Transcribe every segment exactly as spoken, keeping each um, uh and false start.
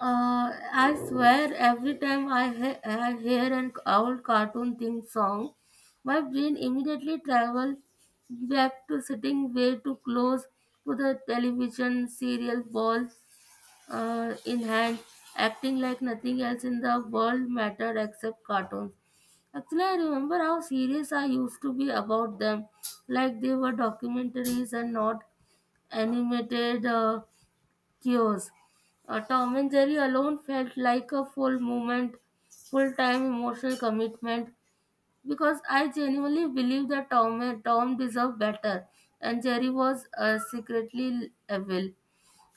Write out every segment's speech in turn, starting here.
Uh, I swear, every time I, he- I hear an old cartoon theme song, my brain immediately travels back to sitting way too close to the television serial ball uh, in hand, acting like nothing else in the world mattered except cartoons. Actually, I remember how serious I used to be about them, like they were documentaries and not animated. Uh, Cures. Uh, Tom and Jerry alone felt like a full moment, full time emotional commitment because I genuinely believe that Tom, Tom deserved better and Jerry was uh, secretly evil.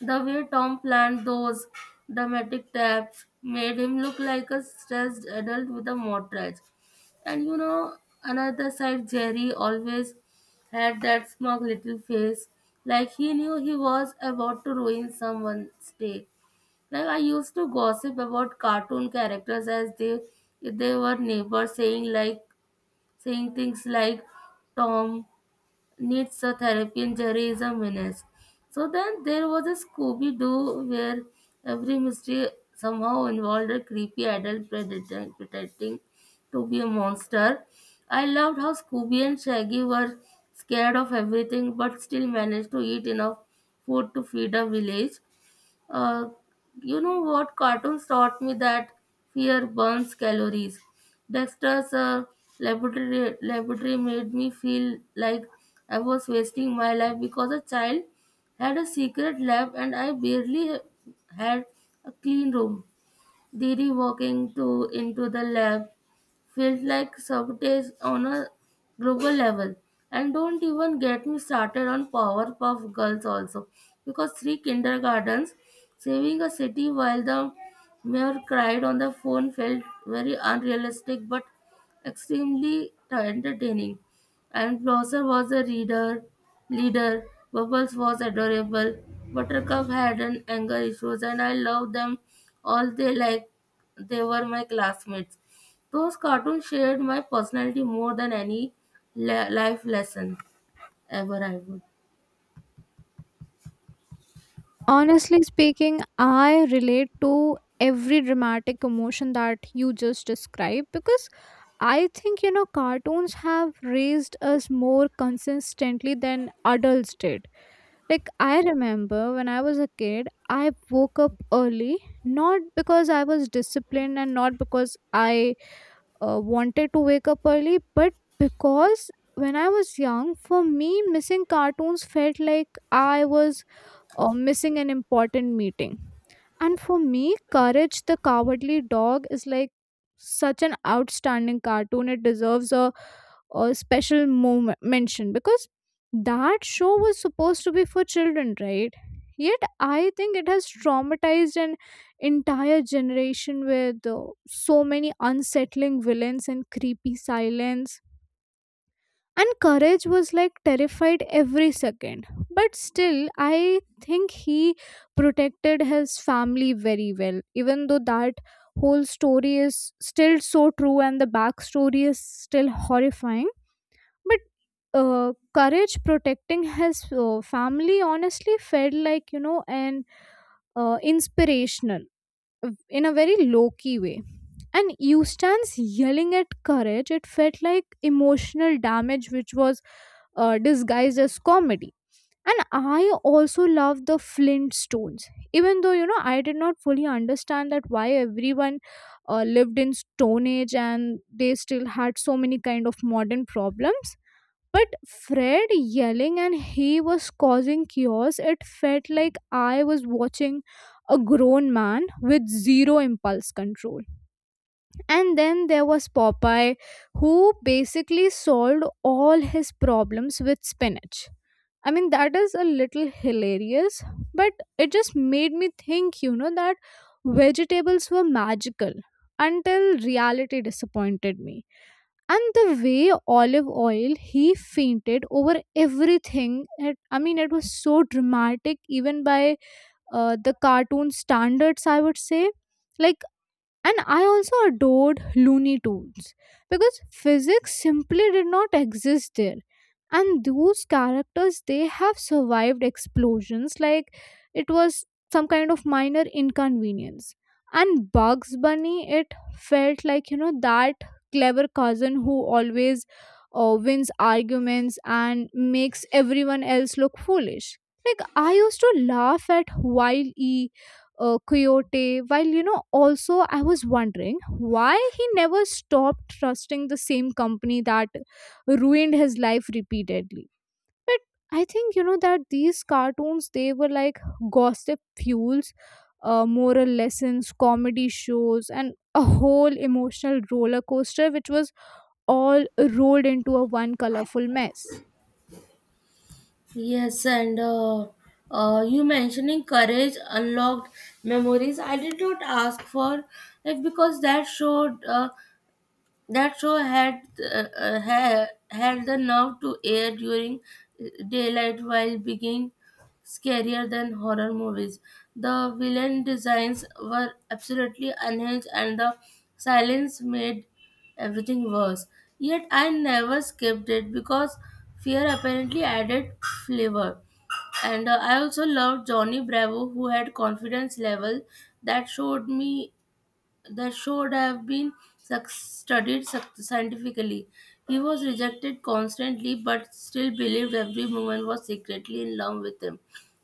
The way Tom planned those dramatic taps made him look like a stressed adult with a mortgage. And you know, another side, Jerry always had that smug little face, like he knew he was about to ruin someone's day. Like I used to gossip about cartoon characters as they if they were neighbors, saying like saying things like Tom needs a therapy and Jerry is a menace. So then there was a Scooby Doo where every mystery somehow involved a creepy adult predator pretending to be a monster. I loved how Scooby and Shaggy were scared of everything but still managed to eat enough food to feed a village. Uh, you know what? Cartoons taught me that fear burns calories. Dexter's uh, laboratory, laboratory made me feel like I was wasting my life because a child had a secret lab and I barely had a clean room. Didi walking to into the lab felt like sabotage on a global level. And don't even get me started on Powerpuff Girls also, because three kindergartens saving a city while the mayor cried on the phone felt very unrealistic but extremely entertaining. And Blossom was a reader, leader. Bubbles was adorable. Buttercup had an anger issues, and I loved them all. They like they were my classmates. Those cartoons shared my personality more than any li- life lesson ever, I would. Honestly speaking, I relate to every dramatic emotion that you just described because I think you know cartoons have raised us more consistently than adults did. Like I remember when I was a kid, I woke up early not because I was disciplined and not because I uh, wanted to wake up early, but because when I was young, for me, missing cartoons felt like I was or missing an important meeting. And for me, Courage the Cowardly Dog is like such an outstanding cartoon. It deserves a, a special moment mention because that show was supposed to be for children, right? Yet I think it has traumatized an entire generation with uh, so many unsettling villains and creepy silence, and courage was like terrified every second, but still i think he protected his family very well, even though that whole story is still so true and the backstory is still horrifying. But uh, courage protecting his uh, family honestly felt like you know an uh, inspirational uh, in a very low key way. And Eustace yelling at courage, it felt like emotional damage which was uh, disguised as comedy. And I also love the Flintstones, even though you know I did not fully understand that why everyone uh, lived in Stone Age and they still had so many kind of modern problems. But Fred yelling and he was causing chaos. It felt like I was watching a grown man with zero impulse control. And then there was Popeye, who basically solved all his problems with spinach. I mean, that is a little hilarious, but it just made me think, you know, that vegetables were magical until reality disappointed me. And the way olive oil he fainted over everything, it, I mean, it was so dramatic, even by uh, the cartoon standards, I would say. Like, and I also adored Looney Tunes because physics simply did not exist there. And those characters, they have survived explosions like it was some kind of minor inconvenience. And Bugs Bunny, it felt like, you know, that clever cousin who always uh, wins arguments and makes everyone else look foolish. Like, I used to laugh at Wild E uh, Coyote. While you know, also I was wondering why he never stopped trusting the same company that ruined his life repeatedly. But I think you know that these cartoons they were like gossip fuels, uh, moral lessons, comedy shows, and a whole emotional roller coaster, which was all rolled into a one colorful mess. Yes, and uh, uh, you mentioning courage unlocked memories. I did not ask for it because that showed uh, that show had uh, uh, ha- had the nerve to air during uh, daylight while being scarier than horror movies. The villain designs were absolutely unhinged, and the silence made everything worse. Yet I never skipped it because fear apparently added flavor. And uh, I also loved Johnny Bravo, who had confidence level that showed me that should have been suc- studied suc- scientifically. He was rejected constantly but still believed every woman was secretly in love with him,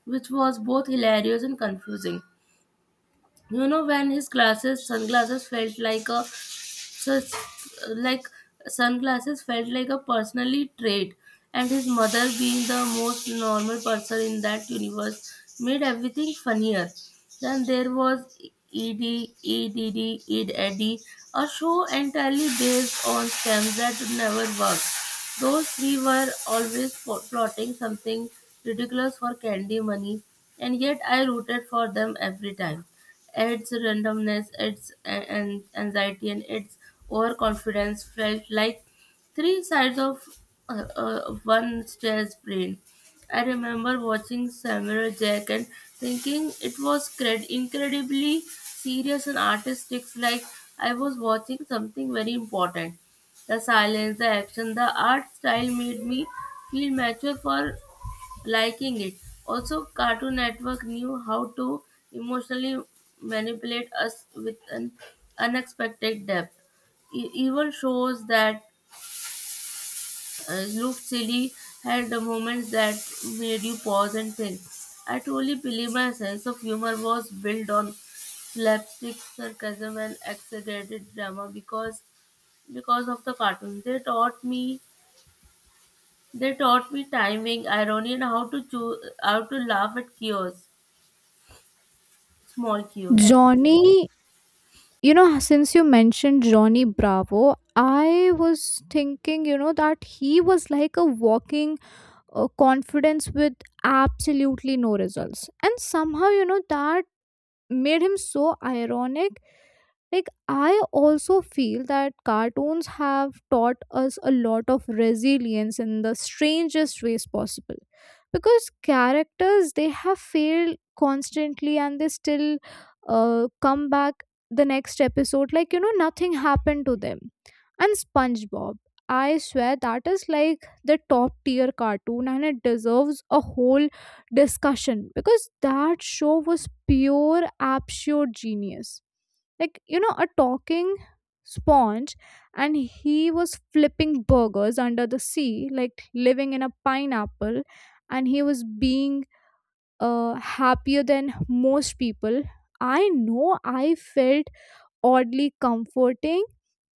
which was both hilarious and confusing. You know, when his glasses, sunglasses felt like a such like sunglasses felt like a personally trait, and his mother being the most normal person in that universe made everything funnier. Then there was ed edd ed eddie, a show entirely based on scams that never worked. Those three were always plotting something ridiculous for candy money, and yet I rooted for them every time. Its randomness, its a- an- anxiety, and its overconfidence felt like three sides of uh, uh, one stare's brain. I remember watching Samurai Jack and thinking it was cred- incredibly serious and artistic, like I was watching something very important. The silence, the action, the art style made me feel mature for liking it. Also, Cartoon Network knew how to emotionally manipulate us with an unexpected depth. E- even shows that uh, looked silly had the moments that made you pause and think. I truly believe my sense of humor was built on slapstick sarcasm and exaggerated drama because because of the cartoons. They taught me they taught me timing, irony, and how to choose how to laugh at chaos. Small cues. Johnny, you know since you mentioned Johnny Bravo, i was thinking you know that he was like a walking uh, confidence with absolutely no results, and somehow you know that made him so ironic. Like i also feel that cartoons have taught us a lot of resilience in the strangest ways possible because characters they have failed constantly and they still uh, come back the next episode like you know nothing happened to them. And SpongeBob, i swear that is like the top tier cartoon, and it deserves a whole discussion because that show was pure absolute genius. Like you know a talking sponge, and he was flipping burgers under the sea, like living in a pineapple, and he was being uh, happier than most people i know. I felt oddly comforting.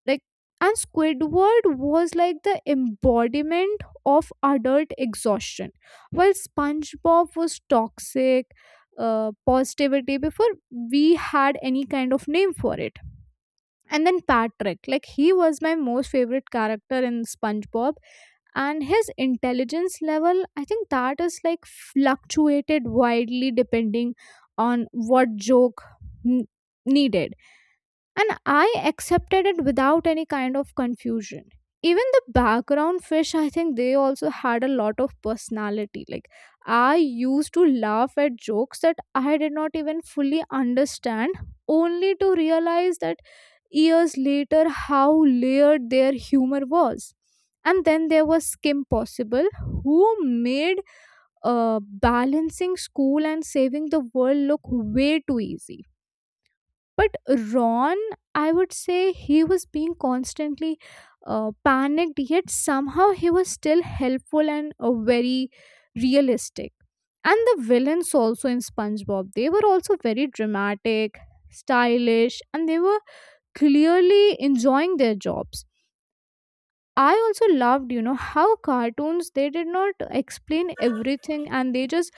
Like, and Squidward was like the embodiment of adult exhaustion, while SpongeBob was toxic uh, positivity before we had any kind of name for it. And then Patrick, like he was my most favorite character in SpongeBob, and his intelligence level, I think that is like fluctuated widely depending on what joke n- needed. And I accepted it without any kind of confusion. Even the background fish, I think they also had a lot of personality. Like, I used to laugh at jokes that I did not even fully understand, only to realize that years later how layered their humor was. And then there was Kim Possible, who made uh, balancing school and saving the world look way too easy. But Ron, I would say he was being constantly uh, panicked, yet somehow he was still helpful and uh, very realistic. And the villains also in SpongeBob, they were also very dramatic, stylish, and they were clearly enjoying their jobs. I also loved you know how cartoons they did not explain everything, and they just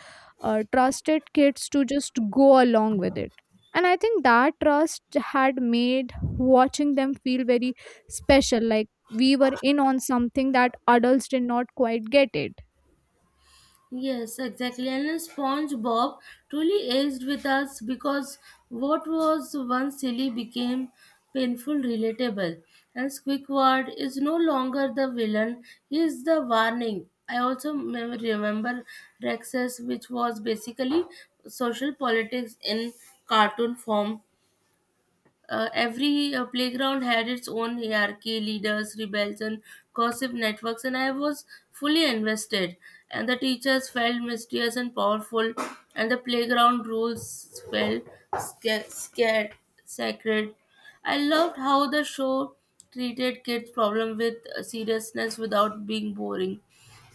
uh, trusted kids to just go along with it. And i think that trust had made watching them feel very special. Like, we were in on something that adults did not quite get it. Yes, exactly. And SpongeBob truly aged with us because what was once silly became painful, relatable. And Squidward is no longer the villain, he is the warning. I also me- remember Rexus, which was basically social politics in cartoon form. Uh, every uh, playground had its own hierarchy, leaders, rebels, and gossip networks, and I was fully invested. And the teachers felt mysterious and powerful, and the playground rules felt sca- scared, sacred. I loved how the show treated kids' problem with uh, seriousness without being boring.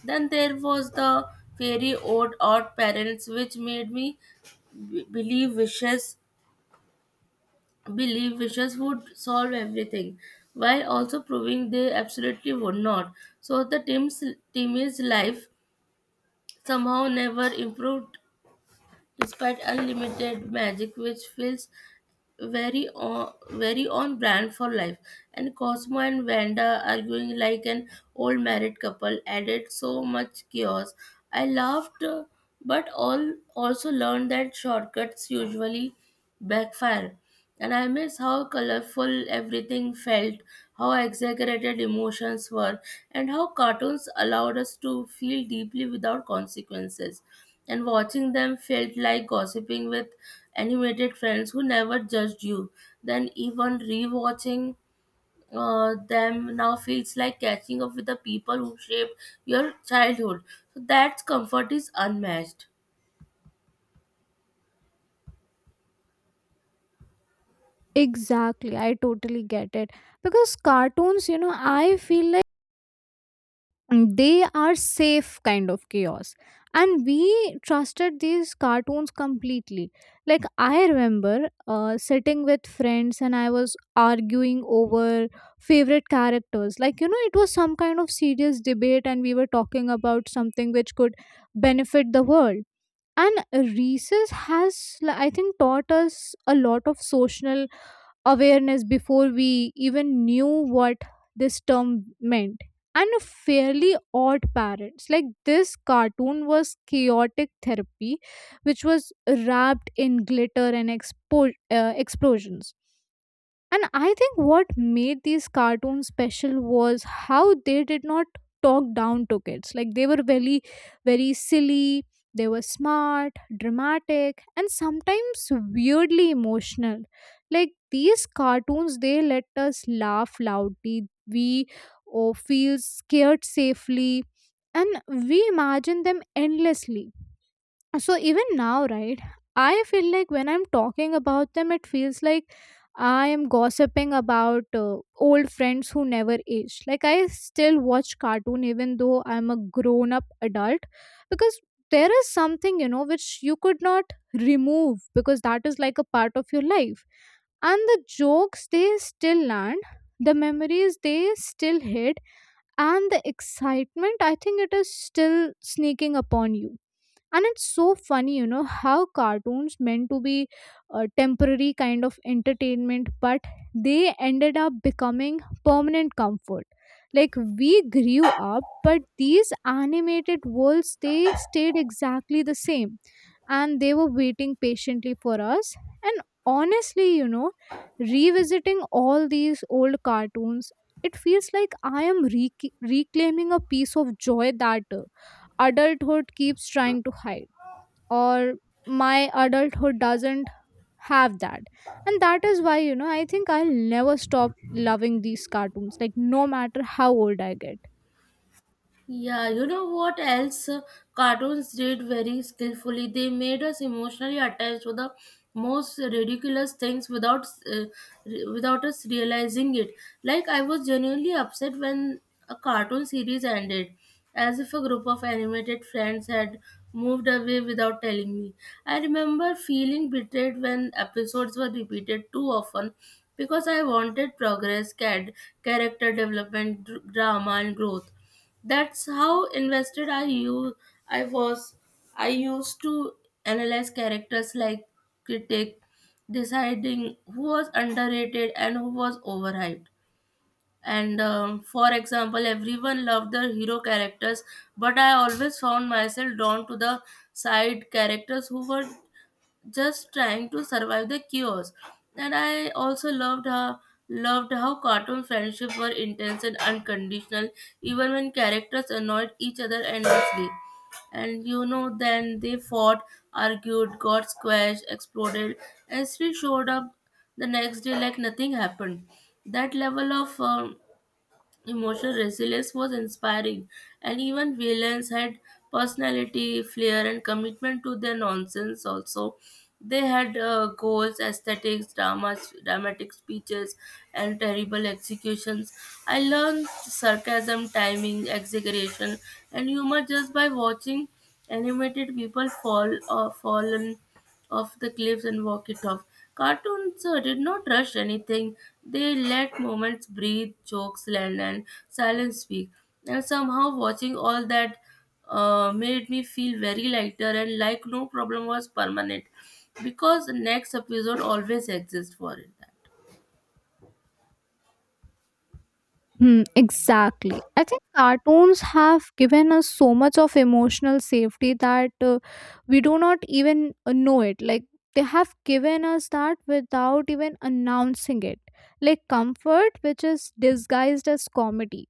Then there was the fairy odd odd parents, which made me b- believe wishes believe wishes would solve everything, while also proving they absolutely would not. So the team's team's life somehow never improved despite unlimited magic, which feels very on very on brand for life. And Cosmo and Vanda arguing like an old married couple added so much chaos. I laughed, uh, but all also learned that shortcuts usually backfire, and I miss how colorful everything felt, how exaggerated emotions were, and how cartoons allowed us to feel deeply without consequences. And watching them felt like gossiping with animated friends who never judged you. Then, even rewatching uh, them now feels like catching up with the people who shaped your childhood. So, that comfort is unmatched. Exactly, I totally get it. Because cartoons, you know, I feel like, mm, they are safe kind of chaos, and we trusted these cartoons completely. Like i remember uh, sitting with friends and i was arguing over favorite characters like you know it was some kind of serious debate, and we were talking about something which could benefit the world. And Reeses has, like, I think taught us a lot of social awareness before we even knew what this term meant. And a fairly odd parents. Like this cartoon was chaotic therapy, which was wrapped in glitter and expo- uh, explosions. And I think what made these cartoons special was how they did not talk down to kids. Like they were very, very silly, they were smart, dramatic, and sometimes weirdly emotional. Like these cartoons, they let us laugh loudly. We, oh, feel scared safely, and we imagine them endlessly. So even now, right, I feel like when I'm talking about them, it feels like I am gossiping about uh, old friends who never aged. Like I still watch cartoon even though I'm a grown-up adult because there is something, you know, which you could not remove because that is like a part of your life. And the jokes they still land, the memories they still hit, and the excitement I think it is still sneaking upon you. And it's so funny you know how cartoons meant to be a temporary kind of entertainment, but they ended up becoming permanent comfort. Like we grew up, but these animated worlds they stayed exactly the same, and they were waiting patiently for us. And honestly, you know revisiting all these old cartoons, it feels like i am rec- reclaiming a piece of joy that uh, adulthood keeps trying to hide, or my adulthood doesn't have that. And that is why you know i think i'll never stop loving these cartoons, like no matter how old i get. Yeah, you know what else uh, cartoons did very skillfully? They made us emotionally attached to the most ridiculous things without uh, re- without us realizing it. Like I was genuinely upset when a cartoon series ended, as if a group of animated friends had moved away without telling me. I remember feeling betrayed when episodes were repeated too often because I wanted progress, cad- character development, dr- drama and growth. That's how invested I you I was. I used to analyze characters like critic, deciding who was underrated and who was overhyped. And um, for example, everyone loved the hero characters, but I always found myself drawn to the side characters who were just trying to survive the chaos. And I also loved her loved how cartoon friendships were intense and unconditional, even when characters annoyed each other endlessly. And you know, then they fought, argued, got squashed, exploded, and still showed up the next day like nothing happened. That level of um, emotional resilience was inspiring, and even villains had personality, flair, and commitment to their nonsense. Also, they had uh, goals, aesthetics, dramas, dramatic speeches, and terrible executions. I learned sarcasm, timing, exaggeration, and humor just by watching animated people fall or fallen off the cliffs and walk it off. Cartoons uh, did not rush anything. They let moments breathe, jokes land, and silence speak. And somehow watching all that uh, made me feel very lighter, and like no problem was permanent because the next episode always exists for it. Hmm, exactly. I think cartoons have given us so much of emotional safety that uh, we do not even uh, know it. Like, they have given us that without even announcing it. Like, comfort, which is disguised as comedy.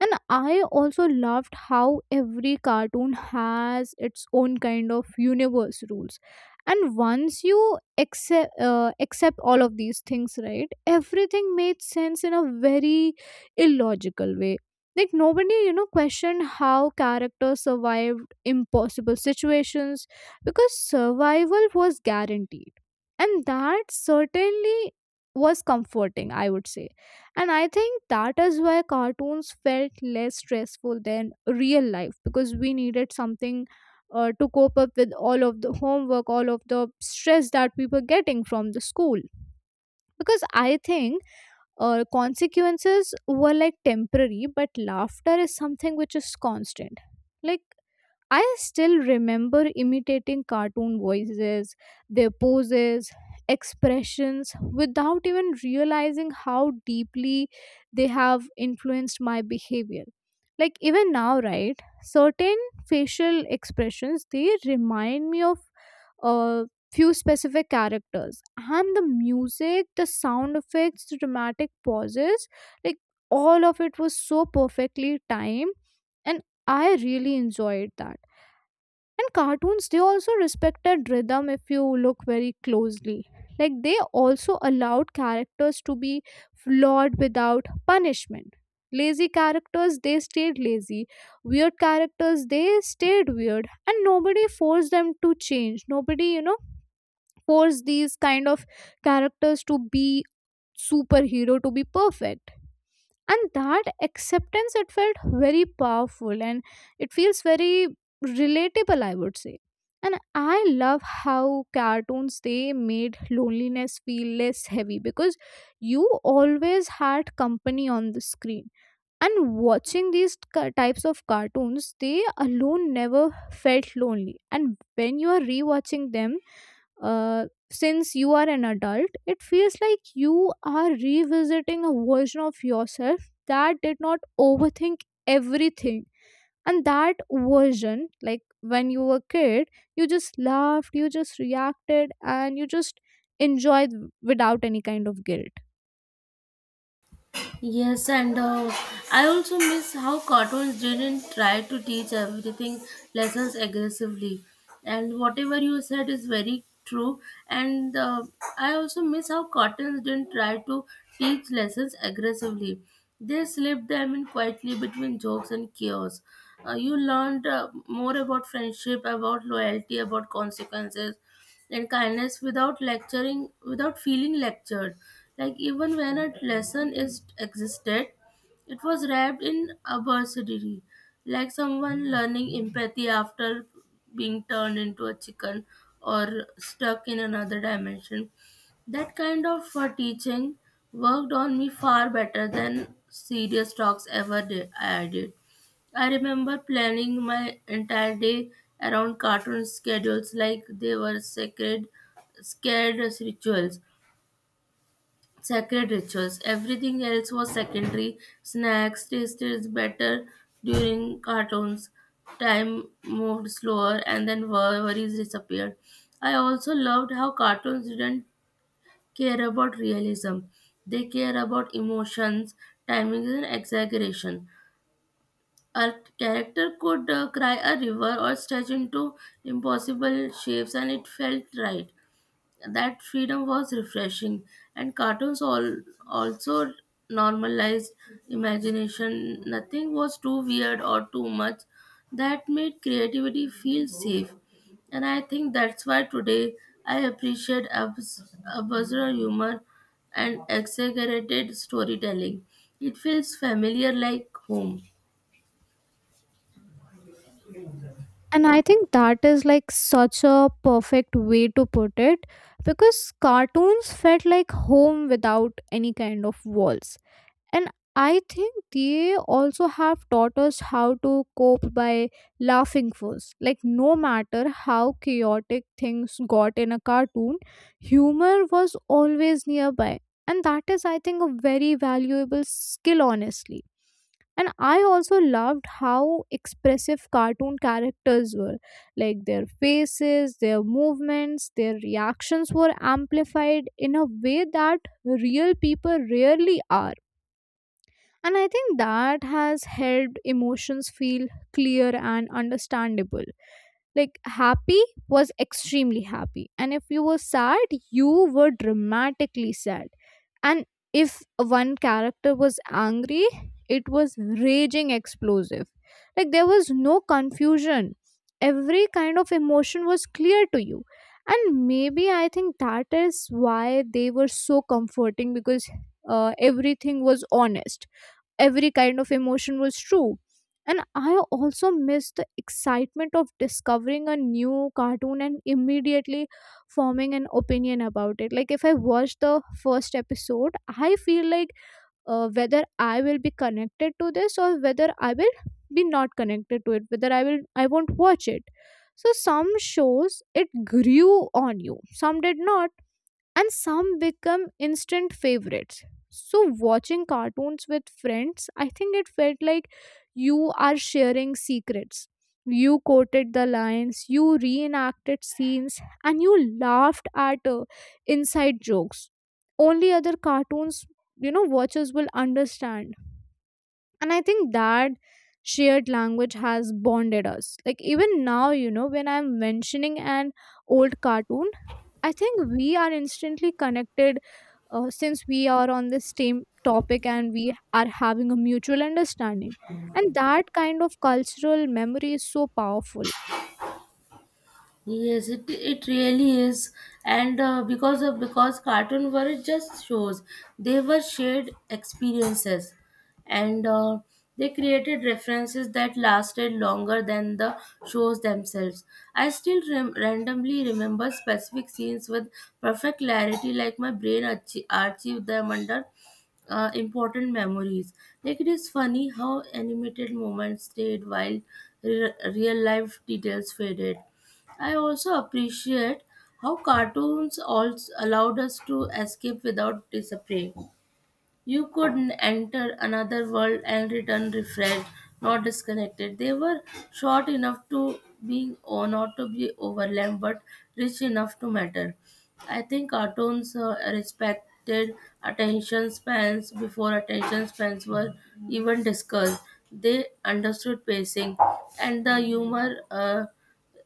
And I also loved how every cartoon has its own kind of universe rules. And once you accept, uh, accept all of these things, right, everything made sense in a very illogical way. Like nobody, you know, questioned how characters survived impossible situations because survival was guaranteed. And that certainly was comforting, I would say. And I think that is why cartoons felt less stressful than real life because we needed something uh, to cope up with all of the homework, all of the stress that we were getting from the school. Because I think uh, consequences were like temporary, but laughter is something which is constant. Like, I still remember imitating cartoon voices, their poses, expressions without even realizing how deeply they have influenced my behavior. Like even now, right? Certain facial expressions they remind me of a few specific characters, and the music, the sound effects, the dramatic pauses, like all of it was so perfectly timed. And I really enjoyed that. And cartoons they also respected rhythm if you look very closely. Like they also allowed characters to be flawed without punishment. Lazy characters they stayed lazy, weird characters they stayed weird, and nobody forced them to change. Nobody, you know forced these kind of characters to be superhero, to be perfect. And that acceptance, it felt very powerful, and it feels very relatable, I would say. And i love how cartoons they made loneliness feel less heavy because you always had company on the screen. And watching these ca- types of cartoons they alone never felt lonely. And when you are rewatching them, uh, since you are an adult, it feels like you are revisiting a version of yourself that did not overthink everything. And that version, like when you were a kid, you just laughed, you just reacted, and you just enjoyed without any kind of guilt. Yes, and uh, I also miss how cartoons didn't try to teach everything lessons aggressively. And whatever you said is very true. And uh, I also miss how cartoons didn't try to teach lessons aggressively. They slipped them in quietly between jokes and chaos. Uh, you learned uh, more about friendship, about loyalty, about consequences, and kindness without lecturing without feeling lectured. Like even when a lesson is existed, it was wrapped in absurdity, like someone learning empathy after being turned into a chicken or stuck in another dimension. That kind of uh, teaching worked on me far better than serious talks ever did i did I remember planning my entire day around cartoon schedules like they were sacred, scared rituals, sacred rituals. Everything else was secondary. Snacks tasted better during cartoons. Time moved slower, and then wor- worries disappeared. I also loved how cartoons didn't care about realism; they care about emotions, timing, and exaggeration. A character could uh, cry a river or stretch into impossible shapes, and it felt right. That freedom was refreshing, and cartoons all also normalized imagination. Nothing was too weird or too much. That made creativity feel safe, and I think that's why today I appreciate abs- absurd humor and exaggerated storytelling. It feels familiar, like home. And I think that is like such a perfect way to put it because cartoons felt like home without any kind of walls. And I think they also have taught us how to cope by laughing first. Like, no matter how chaotic things got in a cartoon, humor was always nearby. And that is, I think, a very valuable skill, honestly. And I also loved how expressive cartoon characters were. Like, their faces, their movements, their reactions were amplified in a way that real people rarely are, and I think that has helped emotions feel clear and understandable. Like, happy was extremely happy. And if you were sad, you were dramatically sad. And if one character was angry, it was raging explosive. Like, there was no confusion. Every kind of emotion was clear to you. And maybe I think that is why they were so comforting, because uh, everything was honest, every kind of emotion was true. And I also missed the excitement of discovering a new cartoon and immediately forming an opinion about it. Like, if I watch the first episode, I feel like uh, whether I will be connected to this or whether I will be not connected to it, whether I will I won't watch it. So some shows it grew on you, some did not, and some become instant favorites. So watching cartoons with friends, I think it felt like you are sharing secrets. You quoted the lines, you reenacted scenes, and you laughed at uh, inside jokes only other cartoons, you know, watchers will understand. And I think that shared language has bonded us. Like even now, you know, when I'm mentioning an old cartoon, I think we are instantly connected, uh, since we are on the same topic and we are having a mutual understanding. And that kind of cultural memory is so powerful. Yes, it, it really is, and uh, because of because cartoon were just shows, they were shared experiences, and uh, they created references that lasted longer than the shows themselves. I still rem- randomly remember specific scenes with perfect clarity, like my brain archi- archived them under uh, important memories. Like it is funny how animated moments stayed while re- real life details faded. I also appreciate how cartoons also allowed us to escape without disappearing. You could n- enter another world and return refreshed, not disconnected. They were short enough to be or not to be overwhelmed, but rich enough to matter. I think cartoons uh, respected attention spans before attention spans were even discussed. They understood pacing and the humor. Uh,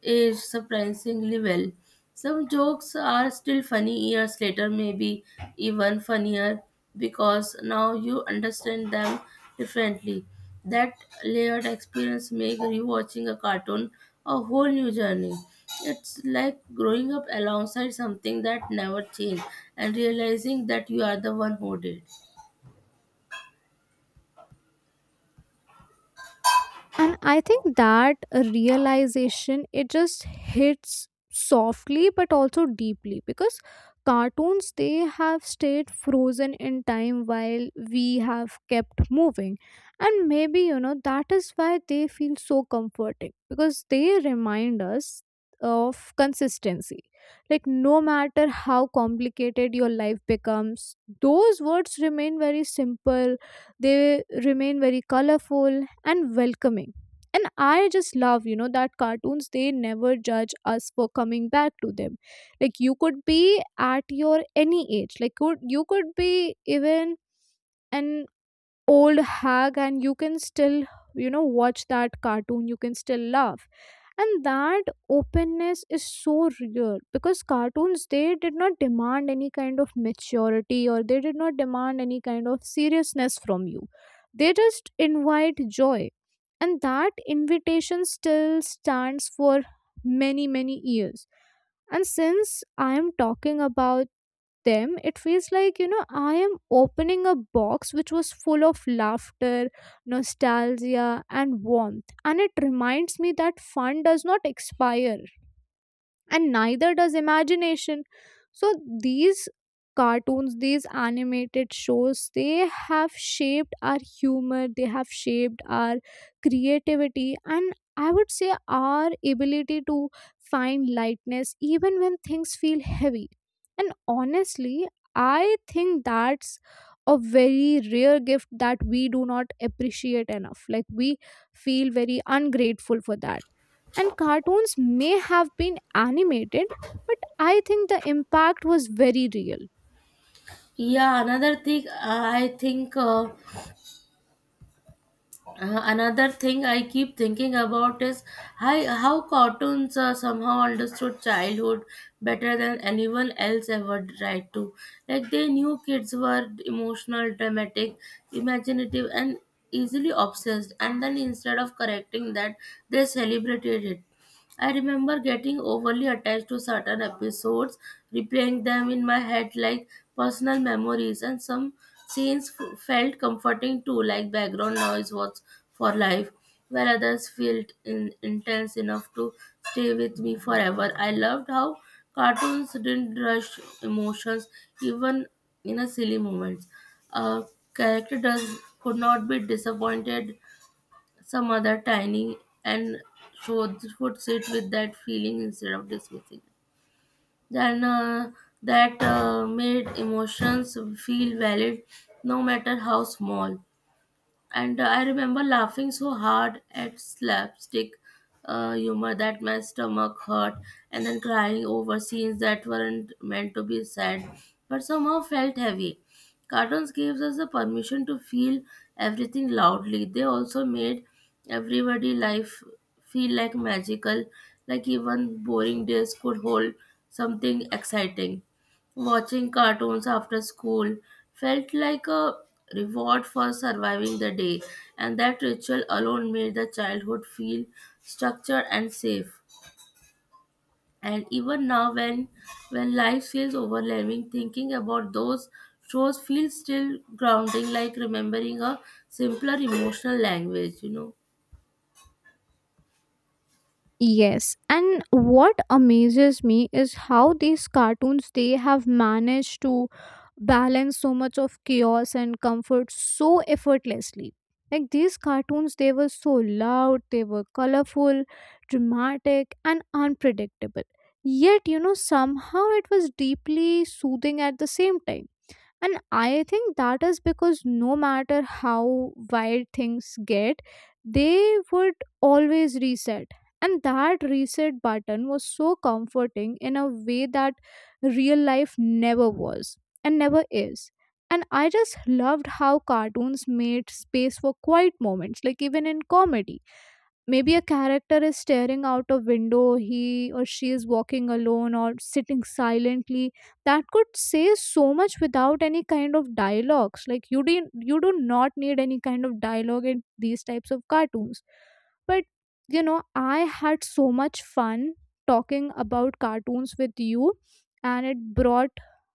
Is surprisingly well. Some jokes are still funny years later, maybe even funnier because now you understand them differently. That layered experience makes rewatching a cartoon a whole new journey. It's like growing up alongside something that never changed and realizing that you are the one who did. And I think that realization, it just hits softly but also deeply, because cartoons, they have stayed frozen in time while we have kept moving. And maybe, you know, that is why they feel so comforting, because they remind us of consistency. Like no matter how complicated your life becomes, those words remain very simple. They remain very colorful and welcoming. And I just love, you know, that cartoons, they never judge us for coming back to them. Like you could be at your any age, like could, you could be even an old hag and you can still, you know, watch that cartoon, you can still laugh. And that openness is so real, because cartoons, they did not demand any kind of maturity, or they did not demand any kind of seriousness from you. They just invite joy. And that invitation still stands for many, many years. And since I am talking about them, it feels like, you know, I am opening a box which was full of laughter, nostalgia and warmth, and it reminds me that fun does not expire, and neither does imagination. So these cartoons, these animated shows, they have shaped our humor, they have shaped our creativity, and I would say our ability to find lightness even when things feel heavy. And honestly, I think that's a very rare gift that we do not appreciate enough. Like we feel very ungrateful for that. And cartoons may have been animated, but I think the impact was very real. Yeah, another thing uh, I think uh, Uh, another thing I keep thinking about is how, how cartoons uh, somehow understood childhood better than anyone else ever tried to. Like they knew kids were emotional, dramatic, imaginative, and easily obsessed, and then instead of correcting that, they celebrated it. I remember getting overly attached to certain episodes, replaying them in my head like personal memories, and some scenes f- felt comforting too, like background noise was for life, while others felt in- intense enough to stay with me forever. I loved how cartoons didn't rush emotions, even in a silly moments. A character does could not be disappointed some other tiny and should, should sit with that feeling instead of dismissing it. Then uh, that uh, made emotions feel valid no matter how small. And uh, I remember laughing so hard at slapstick uh, humor that my stomach hurt, and then crying over scenes that weren't meant to be sad but somehow felt heavy. Cartoons gave us the permission to feel everything loudly. They also made everybody life feel like magical, like even boring days could hold something exciting. Watching cartoons after school felt like a reward for surviving the day, and that ritual alone made the childhood feel structured and safe. And even now, when when life feels overwhelming, thinking about those shows feels still grounding, like remembering a simpler emotional language. You know. Yes, and what amazes me is how these cartoons, they have managed to balance so much of chaos and comfort so effortlessly. Like these cartoons, they were so loud, they were colorful, dramatic and unpredictable. Yet, you know, somehow it was deeply soothing at the same time. And I think that is because no matter how wild things get, they would always reset. And that reset button was so comforting in a way that real life never was and never is. And I just loved how cartoons made space for quiet moments. Like even in comedy, maybe a character is staring out a window, he or she is walking alone or sitting silently, that could say so much without any kind of dialogues. Like you didn't you do not need any kind of dialogue in these types of cartoons. But you know, I had so much fun talking about cartoons with you, and it brought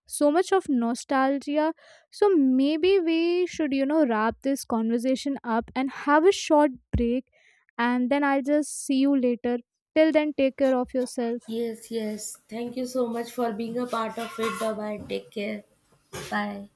so much of nostalgia. So maybe we should, you know, wrap this conversation up and have a short break, and then I'll just see you later. Till then, take care of yourself. Yes, yes. Thank you so much for being a part of it. Bye bye. Take care. Bye.